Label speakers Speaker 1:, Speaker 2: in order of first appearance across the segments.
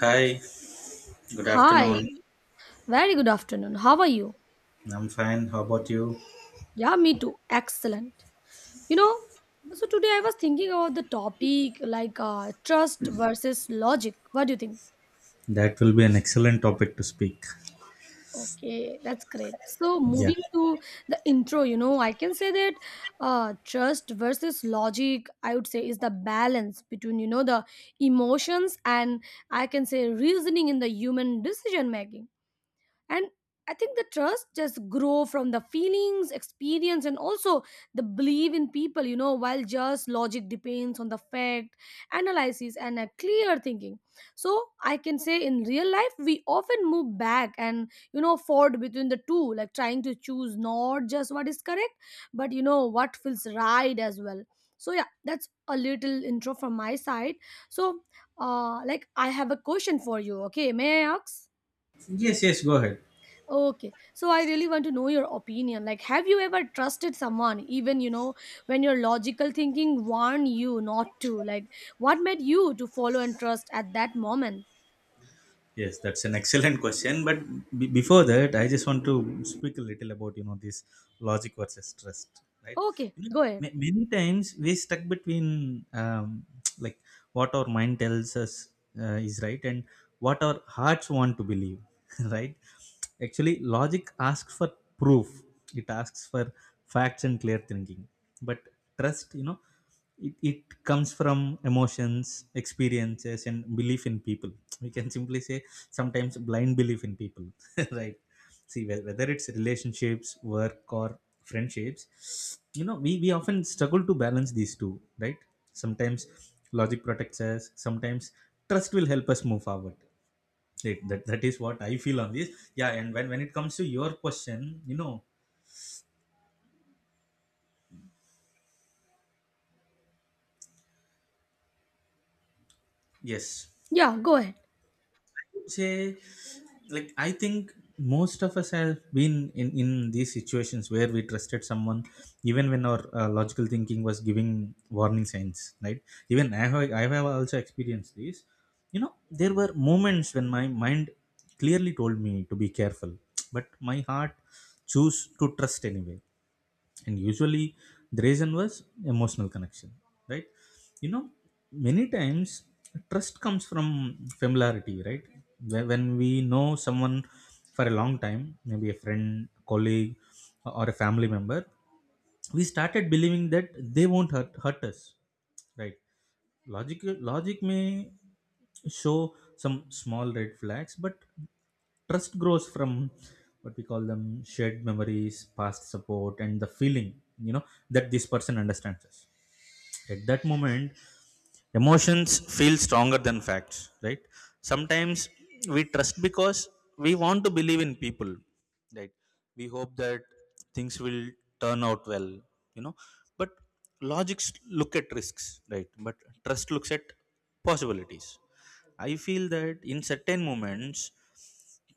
Speaker 1: Hi, good
Speaker 2: Hi,
Speaker 1: afternoon.
Speaker 2: very good afternoon. How are you?
Speaker 1: I'm fine. How about you?
Speaker 2: Yeah, me too. Excellent. You know, so today I was thinking about the topic like trust versus logic. What do you think?
Speaker 1: That will be an excellent topic to speak.
Speaker 2: Okay, that's great. So
Speaker 1: Yeah.
Speaker 2: moving to the intro, you know, I can say that trust versus logic, I would say, is the balance between you know the emotions and I can say reasoning in the human decision making, and I think the trust just grow from the feelings experience and also the belief in people, you know, while just logic depends on the fact analysis and a clear thinking. So I can say in real life we often move back and, you know, forward between the two, like trying to choose not just what is correct but, you know, what feels right as well. So yeah, that's a little intro from my side. So like I have a question for you. Okay, may I ask?
Speaker 1: Yes, yes, go ahead.
Speaker 2: Okay, so I really want to know your opinion. Like, have you ever trusted someone, even you know, when your logical thinking warned you not to? Like, what made you to follow and trust at that moment?
Speaker 1: Yes, that's an excellent question. But before that, I just want to speak a little about you know this logic versus trust, right?
Speaker 2: Okay,
Speaker 1: You know,
Speaker 2: go ahead.
Speaker 1: many times we stuck between like what our mind tells us is right and what our hearts want to believe, right? Actually, logic asks for proof. It asks for facts and clear thinking. But trust, you know it comes from emotions experiences and belief in people. We can simply say sometimes blind belief in people. Right, see whether it's relationships work or friendships, you know we often struggle to balance these two, right? Sometimes logic protects us, sometimes trust will help us move forward. Right, that is what I feel on this. Yeah, and when it comes to your question, you know, yes,
Speaker 2: Yeah, go ahead.
Speaker 1: say, like I think most of us have been in these situations where we trusted someone even when our logical thinking was giving warning signs, right? Even I have, I have also experienced this. You know, there were moments when my mind clearly told me to be careful, but my heart chose to trust anyway. And usually the reason was emotional connection, right? You know, many times trust comes from familiarity, right? When we know someone for a long time, maybe a friend, colleague, or a family member, we started believing that they won't hurt us, right? Logic logic may show some small red flags, but trust grows from what we call them shared memories, past support, and the feeling, you know, that this person understands us. At that moment, emotions feel stronger than facts, right? Sometimes we trust because we want to believe in people, right? We hope that things will turn out well, you know. But logics look at risks, right? But trust looks at possibilities. I feel that in certain moments,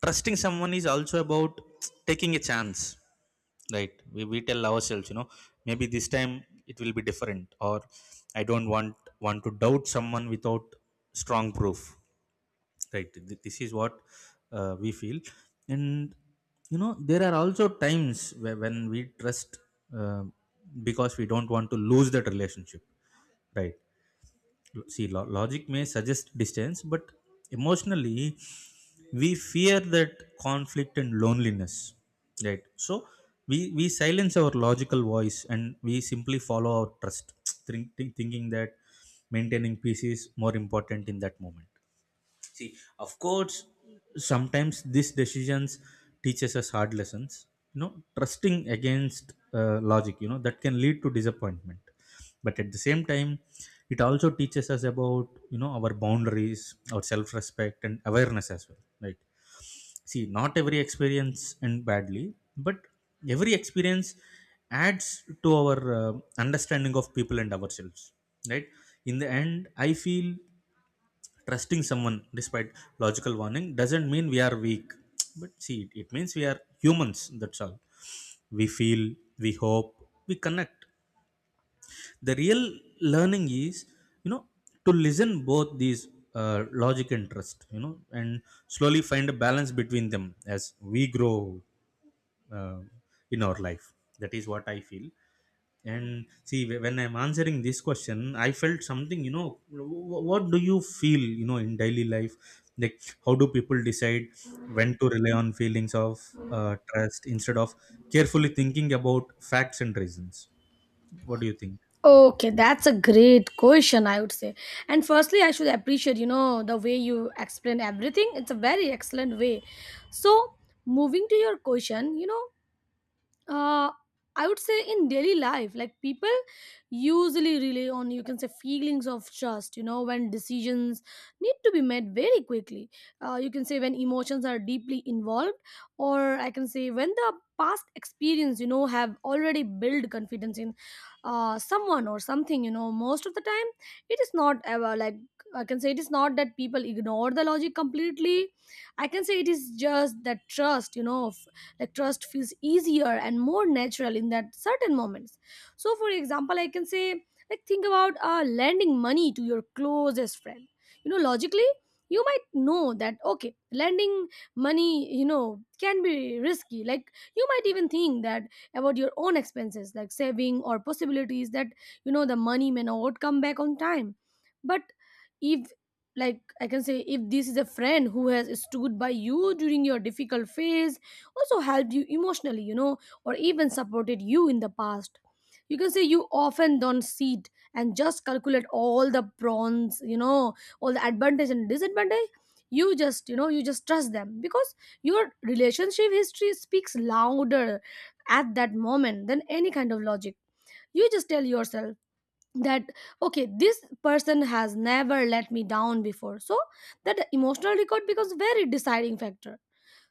Speaker 1: trusting someone is also about taking a chance, right? We tell ourselves, you know, maybe this time it will be different, or I don't want to doubt someone without strong proof, right? This is what we feel. And you know, there are also times where, when we trust uh, because we don't want to lose that relationship, right? See, logic may suggest distance, but emotionally we fear that conflict and loneliness, right? So we silence our logical voice and we simply follow our trust, thinking that maintaining peace is more important in that moment. See, of course, sometimes these decisions teaches us hard lessons. You know, trusting against logic, you know, that can lead to disappointment, but at the same time, it also teaches us about you know our boundaries, our self-respect, and awareness as well. Right? See, not every experience end badly, but every experience adds to our understanding of people and ourselves. Right? In the end, I feel trusting someone despite logical warning doesn't mean we are weak, but see it means we are humans. That's all. We feel, we hope, we connect. The real learning is, you know, to listen both these logic and trust, you know, and slowly find a balance between them as we grow uh, in our life. That is what I feel. And see, when I'm answering this question, I felt something. You know, what do you feel, you know, in daily life, like how do people decide when to rely on feelings of trust instead of carefully thinking about facts and reasons? What do you think?
Speaker 2: Okay, that's a great question, I would say. And firstly, I should appreciate, you know, the way you explain everything. It's a very excellent way. So, moving to your question, you know, uh, I would say in daily life, like people usually rely on you can say feelings of trust, you know, when decisions need to be made very quickly. You can say when emotions are deeply involved, or I can say when the past experience, you know, have already built confidence in someone or something, you know, most of the time it is not ever like I can say it is not that people ignore the logic completely. I can say it is just that trust, you know, like trust feels easier and more natural in that certain moments. So for example I can say, like, think about lending money to your closest friend. You know, logically you might know that, okay, lending money, you know, can be risky. Like you might even think that about your own expenses, like saving, or possibilities that, you know, the money may not come back on time. But if, like I can say, if this is a friend who has stood by you during your difficult phase, also helped you emotionally, you know, or even supported you in the past. You can say you often don't sit and just calculate all the pros, you know, all the advantage and disadvantage. You just, you know, you just trust them because your relationship history speaks louder at that moment than any kind of logic. You just tell yourself that, okay, this person has never let me down before. So that emotional record becomes very deciding factor.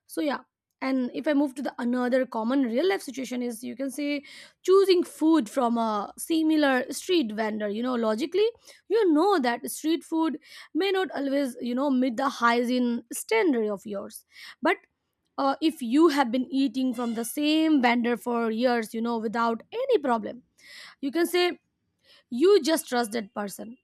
Speaker 2: So yeah, and if I move to the another common real life situation is, you can say, choosing food from a similar street vendor. You know, logically you know that street food may not always, you know, meet the hygiene standard of yours. But if you have been eating from the same vendor for years, you know, without any problem, you can say you just trust that person.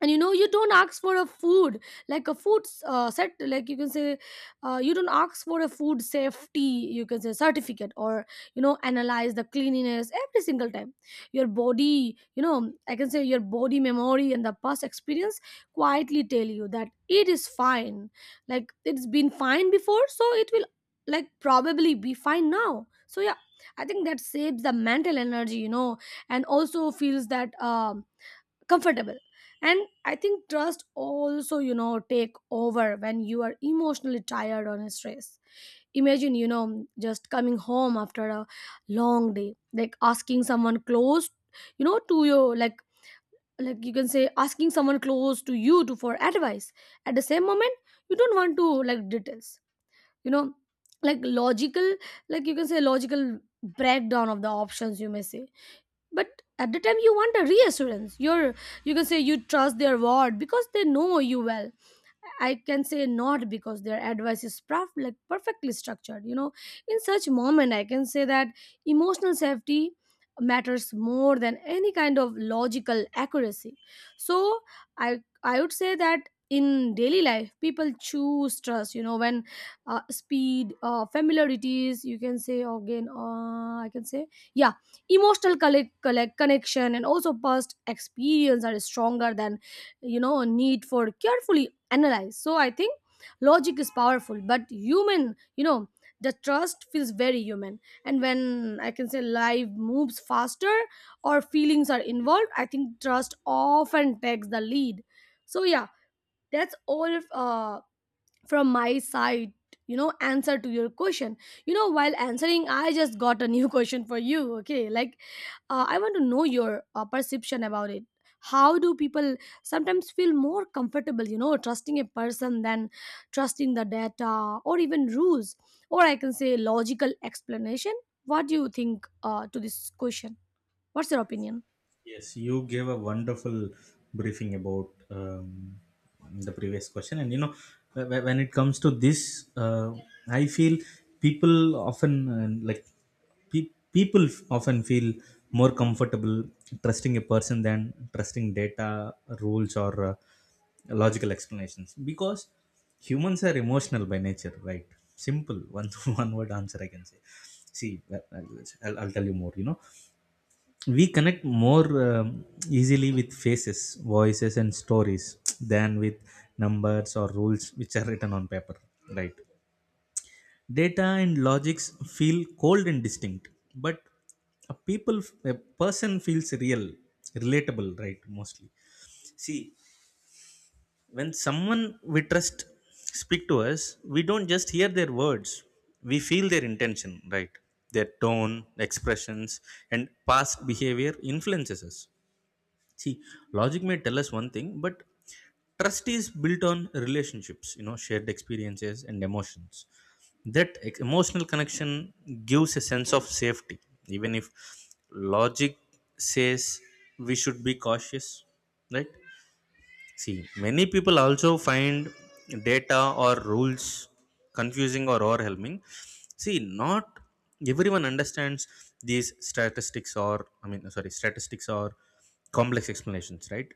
Speaker 2: And you know, you don't ask for a food, like a food set, like you can say, you don't ask for a food safety, you can say, certificate, or you know, analyze the cleanliness every single time. Your body, you know, I can say your body memory and the past experience quietly tell you that it is fine. Like it's been fine before, so it will, like, probably be fine now. So yeah, I think that saves the mental energy, you know, and also feels that comfortable. And I think trust also, you know, take over when you are emotionally tired or stressed. Imagine, you know, just coming home after a long day, like asking someone close, you know, to your like you can say asking someone close to you to for advice. At the same moment, you don't want to like details, you know, like logical, like you can say logical breakdown of the options, you may say. But at the time you want a reassurance, you're, you can say you trust their word because they know you well. I can say not because their advice is like perfectly structured. You know, in such moment, I can say that emotional safety matters more than any kind of logical accuracy. So I would say that in daily life, people choose trust. You know, when speed, familiarities, you can say again, I can say, yeah, emotional collect connection and also past experience are stronger than, you know, need for carefully analyze. So I think logic is powerful but human, you know, the trust feels very human. And when, I can say, life moves faster or feelings are involved, I think trust often takes the lead. So yeah, that's all from my side, you know, answer to your question. You know, while answering I just got a new question for you. Okay, like I want to know your perception about it. How do people sometimes feel more comfortable, you know, trusting a person than trusting the data or even rules, or I can say logical explanation? What do you think to this question? What's your opinion?
Speaker 1: Yes, you gave a wonderful briefing about the previous question, and you know, when it comes to this, I feel people often often feel more comfortable trusting a person than trusting data, rules, or logical explanations because humans are emotional by nature, right? Simple one one word answer, I can say. See, I'll tell you more. You know, we connect more easily with faces, voices, and stories than with numbers or rules which are written on paper, right? Data and logics feel cold and distinct, but a people, a person feels real, relatable, right? Mostly. See, when someone we trust speak to us, we don't just hear their words, we feel their intention, right? Their tone, expressions, and past behavior influences us. See, logic may tell us one thing, but trust is built on relationships, you know, shared experiences and emotions. That emotional connection gives a sense of safety, even if logic says we should be cautious, right? See, many people also find data or rules confusing or overwhelming. See, not everyone understands these statistics or, I mean, sorry, statistics or complex explanations, right?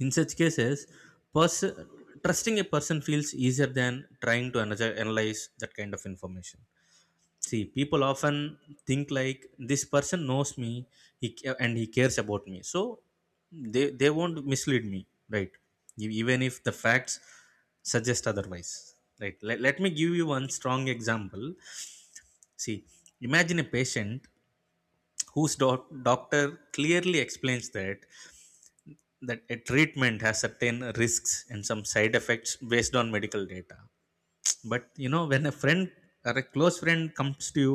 Speaker 1: In such cases, pers- trusting a person feels easier than trying to analyze that kind of information. See, people often think like this person knows me, he, and he cares about me, so they won't mislead me, right? Even if the facts suggest otherwise, right? Let me give you one strong example. See, imagine a patient whose doctor clearly explains that a treatment has certain risks and some side effects based on medical data. But you know, when a friend or a close friend comes to you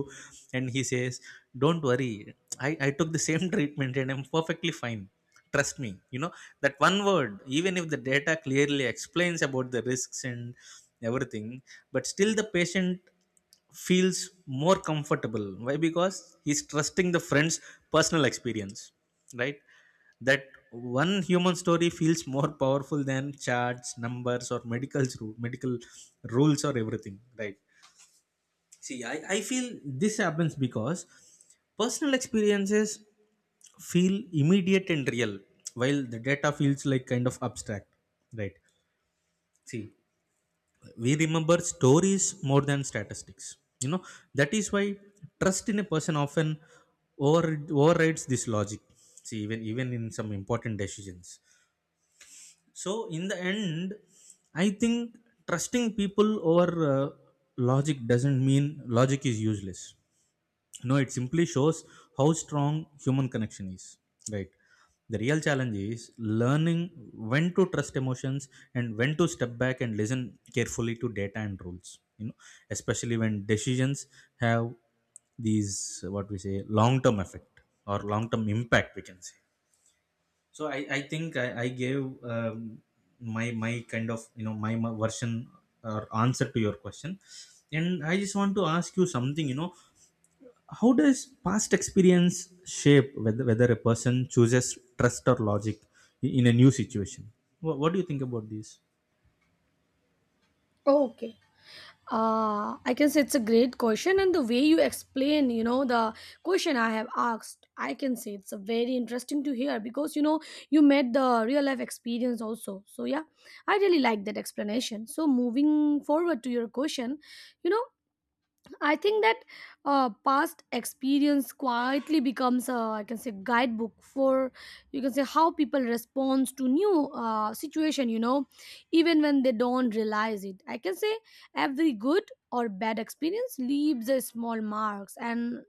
Speaker 1: and he says, don't worry, I took the same treatment and I'm perfectly fine, trust me, you know, that one word, even if the data clearly explains about the risks and everything, but still the patient feels more comfortable. Why? Because he's trusting the friend's personal experience, right? That one human story feels more powerful than charts, numbers, or medical rules or everything, right? See, I feel this happens because personal experiences feel immediate and real, while the data feels like kind of abstract, right? See, we remember stories more than statistics, you know. That is why trust in a person often over overrides this logic, see, even in some important decisions. So in the end, I think trusting people over uh, logic doesn't mean logic is useless. No, it simply shows how strong human connection is, right? The real challenge is learning when to trust emotions and when to step back and listen carefully to data and rules, you know, especially when decisions have these, what we say, long term effect or long term impact, we can say. So I think I gave my kind of, you know, my version or answer to your question. And I just want to ask you something, you know, how does past experience shape whether a person chooses trust or logic in a new situation? What do you think about this?
Speaker 2: Okay. I can say it's a great question, and the way you explain, you know, the question I have asked, I can say it's a very interesting to hear because you know you met the real life experience also. So yeah, I really like that explanation. So moving forward to your question, you know, I think that past experience quietly becomes a, I can say, guidebook for, you can say, how people responds to new situation. You know, even when they don't realize it. I can say every good or bad experience leaves a small marks, and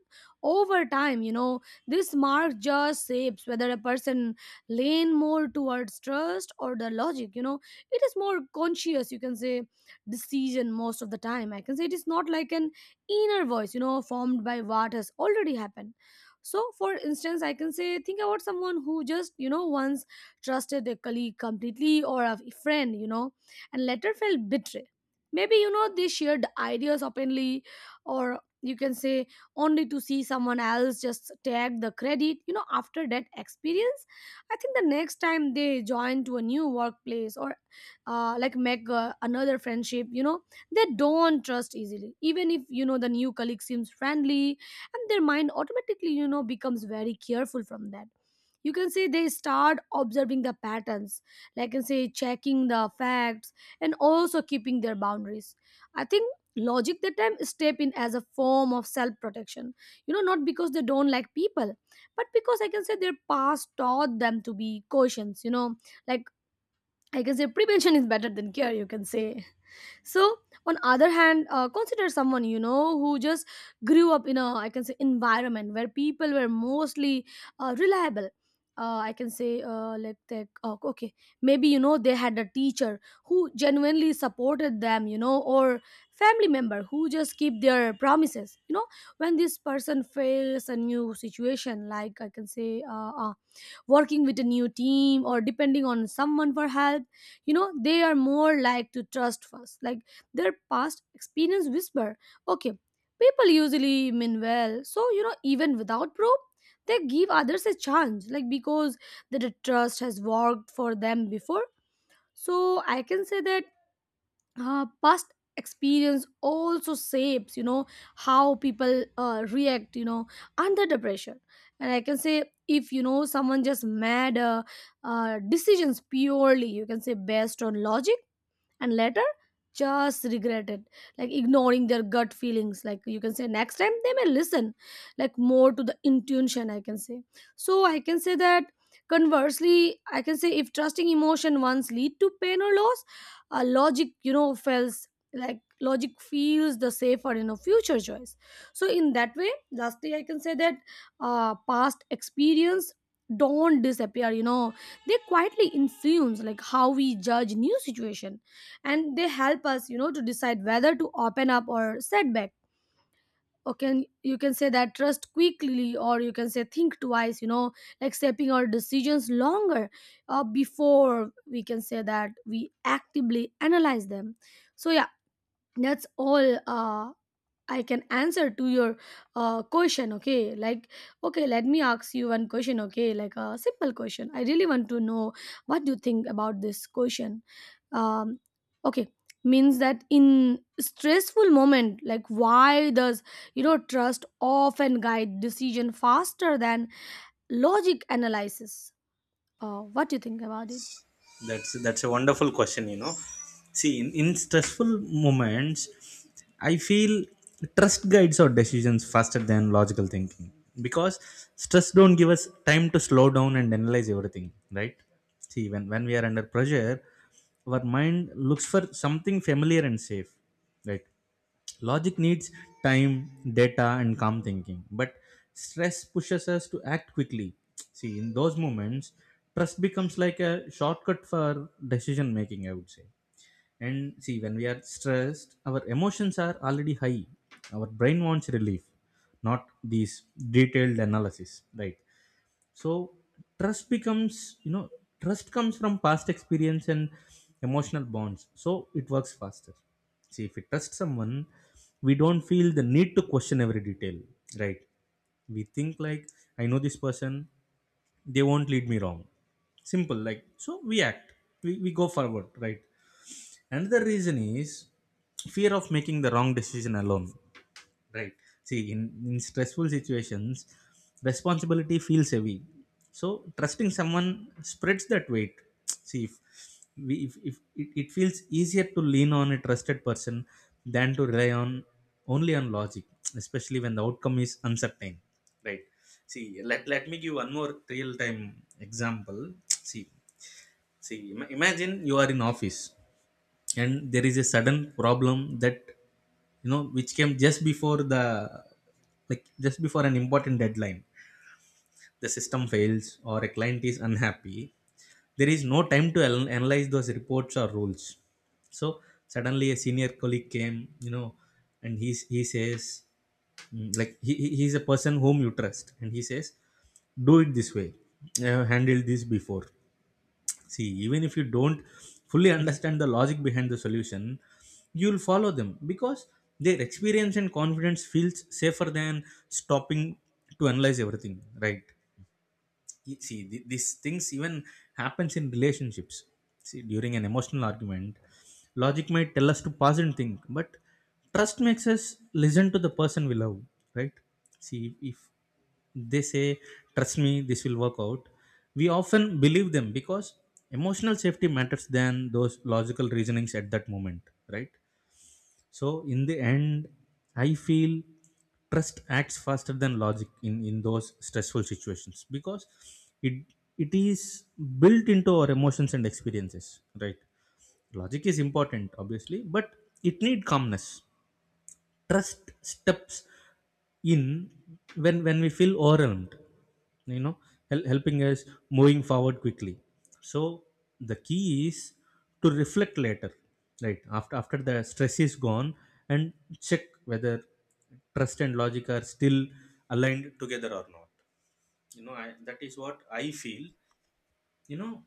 Speaker 2: over time, you know, this mark just shapes whether a person lean more towards trust or the logic. You know, it is more conscious. You can say decision most of the time. I can say it is not like an inner voice, you know, formed by what has already happened. So for instance, I can say, think about someone who just, you know, once trusted a colleague completely, or a friend, you know, and later felt betrayed. Maybe, you know, they shared ideas openly, or you can say only to see someone else just take the credit. You know, after that experience, I think the next time they join to a new workplace, or like make another friendship, you know, they don't trust easily even if, you know, the new colleague seems friendly. And their mind automatically, you know, becomes very careful from that. You can say they start observing the patterns, like I can say checking the facts, and also keeping their boundaries. I think logic that time step in as a form of self protection, you know, not because they don't like people, but because, I can say, their past taught them to be cautious, you know, like, I can say, prevention is better than cure, you can say. So on other hand, consider someone, you know, who just grew up in a, I can say, environment where people were mostly reliable. I can say like they, oh, okay, maybe, you know, they had a teacher who genuinely supported them, you know, or family member who just keep their promises. You know, when this person fails a new situation, like I can say working with a new team or depending on someone for help, you know, they are more like to trust first, like their past experience whisper, okay, people usually mean well. So, you know, even without proof, they give others a chance, like because the trust has worked for them before. So I can say that past experience also shapes, you know, how people react, you know, under the pressure. And I can say if, you know, someone just made decisions purely, you can say, based on logic, and later just regretted, like ignoring their gut feelings, like you can say, next time they may listen, like more to the intuition, I can say. So I can say that conversely, I can say, if trusting emotion once lead to pain or loss, logic, you know, feels, like logic feels the safer, you know, future choice. So in that way, lastly I can say that past experience don't disappear, you know, they quietly influence, like, how we judge new situation. And they help us, you know, to decide whether to open up or set back, okay, you can say that Trust quickly, or you can say think twice, you know, like shaping our decisions longer before we can say that we actively analyze them. So yeah, that's all. I can answer to your question. Okay, like, okay, let me ask you one question. Okay, like a simple question. I really want to know, what do you think about this question? um, okay, means that in stressful moment, like, why does, you know, trust often guide decision faster than logic analysis? What do you think about it?
Speaker 1: That's a wonderful question, you know. See, in stressful moments, I feel trust guides our decisions faster than logical thinking because stress don't give us time to slow down and analyze everything, right? See, when we are under pressure, our mind looks for something familiar and safe, right? Logic needs time, data, and calm thinking, but stress pushes us to act quickly. See, in those moments, trust becomes like a shortcut for decision making, I would say. And see, when we are stressed, our emotions are already high. Our brain wants relief, not these detailed analysis, right? So trust becomes, you know, trust comes from past experience and emotional bonds, so it works faster. See, if we trust someone, we don't feel the need to question every detail, right? We think like, I know this person, they won't lead me wrong. Simple, like. So we act, we go forward, right? Another reason is fear of making the wrong decision alone. Right. See, in stressful situations, responsibility feels heavy. So trusting someone spreads that weight. See, if we if it, it feels easier to lean on a trusted person than to rely on only on logic, especially when the outcome is uncertain. Right. See, let me give one more real time example. See, see, imagine you are in office and there is a sudden problem that, you know, which came just before the, like just before an important deadline. The system fails or a client is unhappy. There is no time to analyze those reports or rules. So suddenly a senior colleague came, you know, and he says, like he's a person whom you trust and he says, do it this way, I have handled this before. See, even if you don't fully understand the logic behind the solution, you'll follow them because their experience and confidence feels safer than stopping to analyze everything, right? You see these things even happens in relationships. See, during an emotional argument, logic might tell us to pause and think, but trust makes us listen to the person we love, right? See, if they say, "Trust me, this will work out," we often believe them because emotional safety matters than those logical reasonings at that moment, right? So in the end, I feel trust acts faster than logic in those stressful situations because it it is built into our emotions and experiences, right? Logic is important, obviously, but it need calmness. Trust steps in when we feel overwhelmed, you know helping us moving forward quickly. So the key is to reflect later, right, after the stress is gone, and check whether trust and logic are still aligned together or not. That is what I feel. you know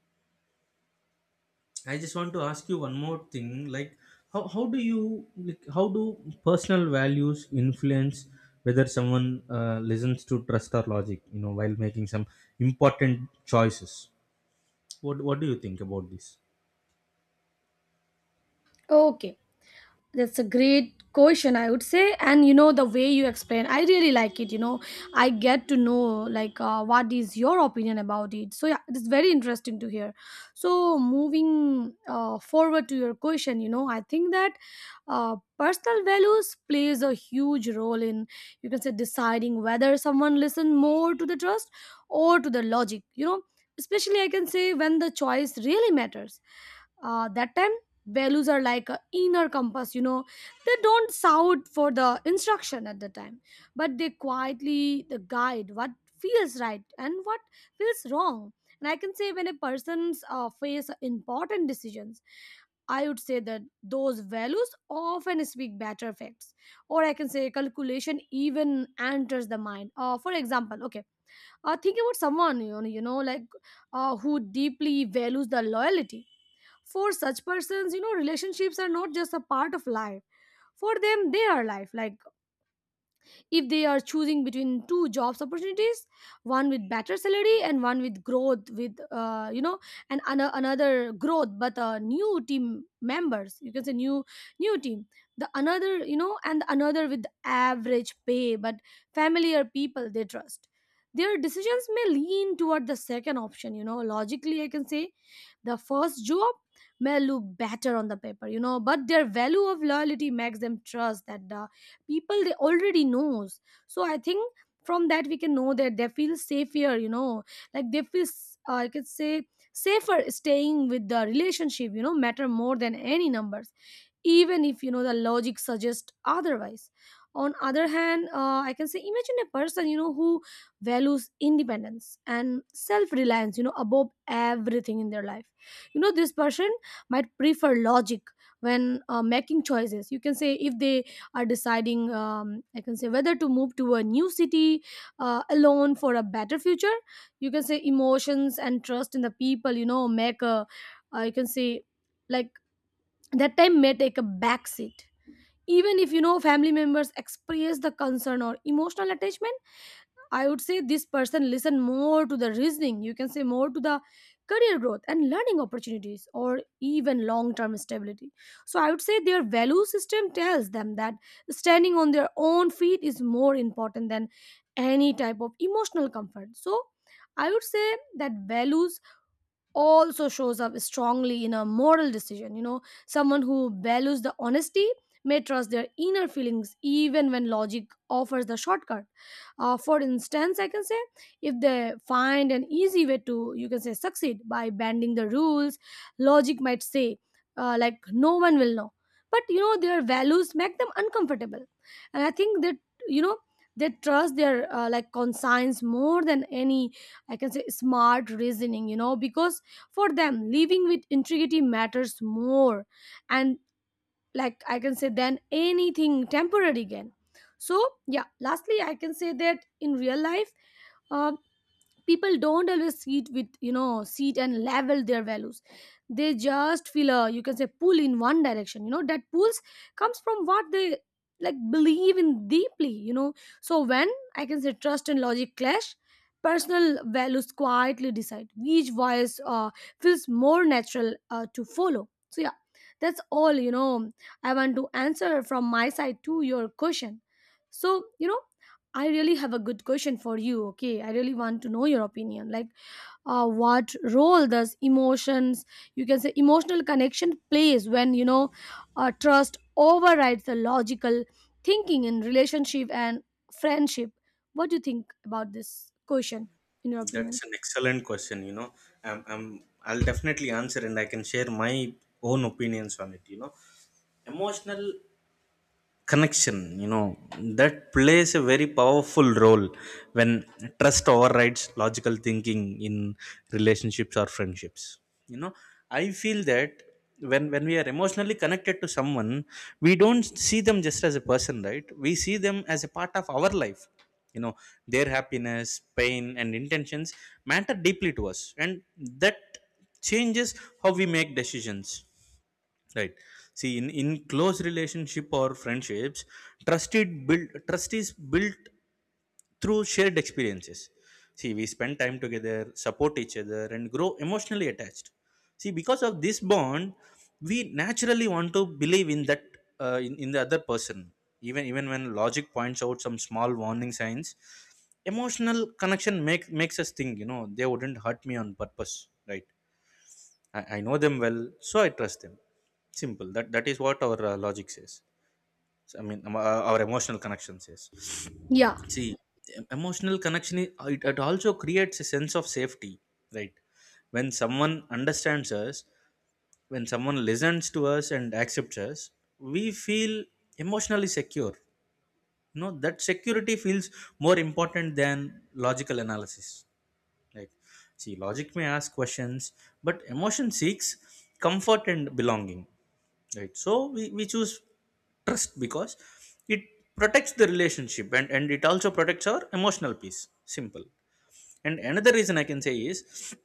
Speaker 1: I just want to ask you one more thing. Like, how do you like how do personal values influence whether someone listens to trust or logic? You know, while making some important choices. What do you think about this?
Speaker 2: Okay, that's a great question, I would say, and you know, the way you explain, I really like it, you know. I get to know, like, what is your opinion about it. So yeah, it's very interesting to hear. So moving forward to your question, you know, I think that personal values plays a huge role in, you can say, deciding whether someone listen more to the trust or to the logic, you know, especially, I can say, when the choice really matters. That time, values are like a inner compass, you know. They don't shout for the instruction at the time, but they quietly the guide what feels right and what feels wrong. And I can say, when a person's face important decisions, I would say that those values often speak better facts, or I can say calculation even enters the mind. For example, okay, think about someone, you know, you know, like who deeply values the loyalty. For such persons, you know, relationships are not just a part of life. For them, they are life. Like, if they are choosing between two jobs opportunities, one with better salary and one with growth with, you know, and another growth but new team members, you can say, new new team, the another, you know, and another with average pay but familiar people they trust. Their decisions may lean toward the second option, you know. Logically, I can say the first job may look better on the paper, you know, but their value of loyalty makes them trust that the people they already knows. So I think from that we can know that they feel safer, you know. Like they feel I could say safer staying with the relationship, you know, matter more than any numbers, even if, you know, the logic suggests otherwise. On other hand, I can say imagine a person, you know, who values independence and self-reliance, you know, above everything in their life. You know, this person might prefer logic when making choices. You can say, if they are deciding, I can say, whether to move to a new city alone for a better future, you can say emotions and trust in the people, you know, make a you can say, like, that time may take a back seat. Even if, you know, family members express the concern or emotional attachment, I would say this person listen more to the reasoning, you can say, more to the career growth and learning opportunities or even long term stability. So I would say their value system tells them that standing on their own feet is more important than any type of emotional comfort. So I would say that values also shows up strongly in a moral decision. You know, someone who values the honesty may trust their inner feelings even when logic offers the shortcut. For instance, I can say, if they find an easy way to, you can say, succeed by bending the rules, logic might say, like, no one will know. But you know, their values make them uncomfortable. And I think that, you know, they trust their like conscience more than any, I can say, smart reasoning, you know, because for them, living with integrity matters more, and, like, I can say, than anything temporary gain. So yeah, lastly, I can say that in real life, uh, people don't always sit with, you know, sit and level their values. They just feel a, you can say, pull in one direction. You know, that pulls comes from what they, like, believe in deeply, you know. So when, I can say, trust and logic clash, personal values quietly decide which voice feels more natural to follow. So yeah, that's all, you know. I want to answer from my side to your question. So you know, I really have a good question for you. Okay, I really want to know your opinion. Like, what role does emotions, you can say, emotional connection plays when, you know, trust overrides the logical thinking in relationship and friendship? What do you think about this question? In your opinion?
Speaker 1: That's an excellent question. You know, I'm I'll definitely answer and I can share my own opinions on it. You know, emotional connection, you know, that plays a very powerful role when trust overrides logical thinking in relationships or friendships. You know, I feel that when we are emotionally connected to someone, we don't see them just as a person, right? We see them as a part of our life. You know, their happiness, pain and intentions matter deeply to us, and that changes how we make decisions. Right. See, in close relationship or friendships, trust is built through shared experiences. See, we spend time together, support each other, and grow emotionally attached. See, because of this bond, we naturally want to believe in that, in the other person. Even when logic points out some small warning signs, emotional connection makes us think, you know, they wouldn't hurt me on purpose, right? I know them well, so I trust them. Simple. That is what our logic says. So, I mean, our emotional connection says.
Speaker 2: Yeah,
Speaker 1: See, emotional connection it also creates a sense of safety, right? When someone understands us, when someone listens to us and accepts us, we feel emotionally secure. You know, that security feels more important than logical analysis. Like, see, logic may ask questions, but emotion seeks comfort and belonging. Right. So we choose trust because it protects the relationship, and it also protects our emotional peace. Simple. And another reason I can say is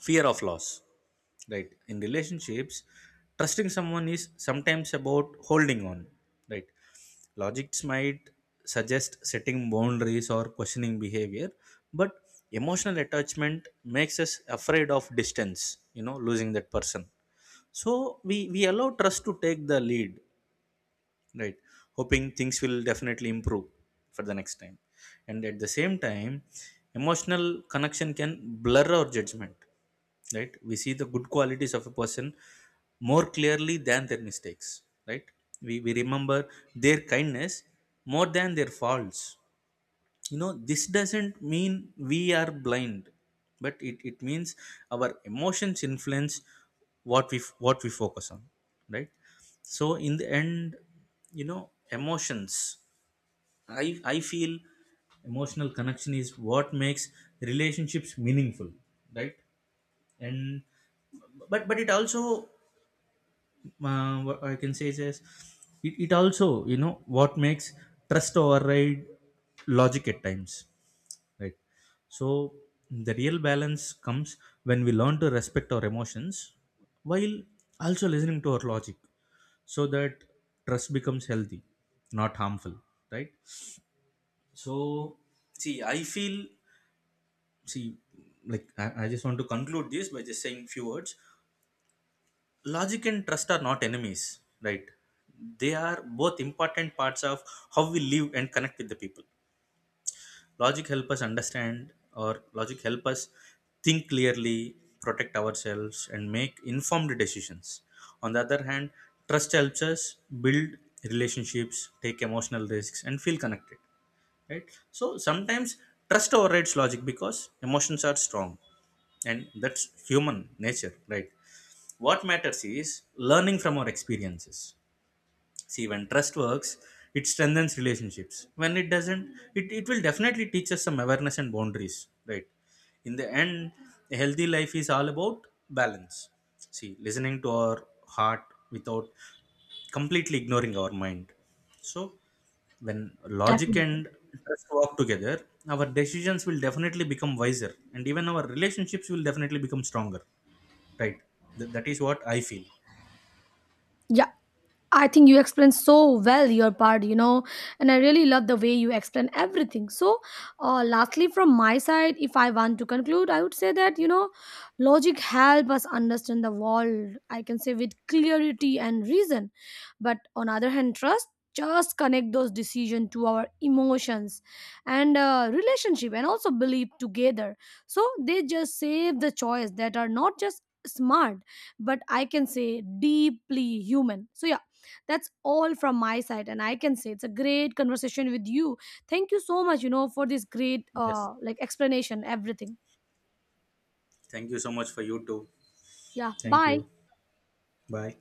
Speaker 1: fear of loss. Right. In relationships, trusting someone is sometimes about holding on. Right. Logics might suggest setting boundaries or questioning behavior, but emotional attachment makes us afraid of distance, you know, losing that person. So we allow trust to take the lead, right, hoping things will definitely improve for the next time. And at the same time, emotional connection can blur our judgment, right? We see the good qualities of a person more clearly than their mistakes, right? We remember their kindness more than their faults. You know, this doesn't mean we are blind, but it means our emotions influence what we focus on, right? So in the end, you know, emotions I feel emotional connection is what makes relationships meaningful, right? And but it also, what I can say is it it also, you know, what makes trust override logic at times, right? So the real balance comes when we learn to respect our emotions while also listening to our logic, so that trust becomes healthy, not harmful, right? So, see I feel see like I just want to conclude this by just saying few words. Logic and trust are not enemies, right? They are both important parts of how we live and connect with the people. Logic help us understand, or logic help us think clearly, protect ourselves and make informed decisions. On the other hand, trust helps us build relationships, take emotional risks and feel connected, right? So sometimes trust overrides logic because emotions are strong, and that's human nature, right? What matters is learning from our experiences. See, when trust works, it strengthens relationships. When it doesn't, it will definitely teach us some awareness and boundaries, right? In the end, a healthy life is all about balance. See, listening to our heart without completely ignoring our mind. So, when logic
Speaker 2: definitely.
Speaker 1: and trust work together, our decisions will definitely become wiser and even our relationships will definitely become stronger, right? That is what I feel.
Speaker 2: Yeah, I think you explained so well your part, you know, and I really love the way you explain everything. So lastly, from my side, if I want to conclude, I would say that, you know, logic help us understand the world, I can say, with clarity and reason. But on other hand, trust just connect those decision to our emotions and relationship and also belief together. So they just save the choice that are not just smart but, I can say, deeply human. So yeah, that's all from my side, and I can say it's a great conversation with you. Thank you so much, you know, for this great
Speaker 1: Yes.
Speaker 2: like explanation, everything.
Speaker 1: Thank you so much for you too.
Speaker 2: Yeah,
Speaker 1: Thank
Speaker 2: bye.
Speaker 1: you. Bye.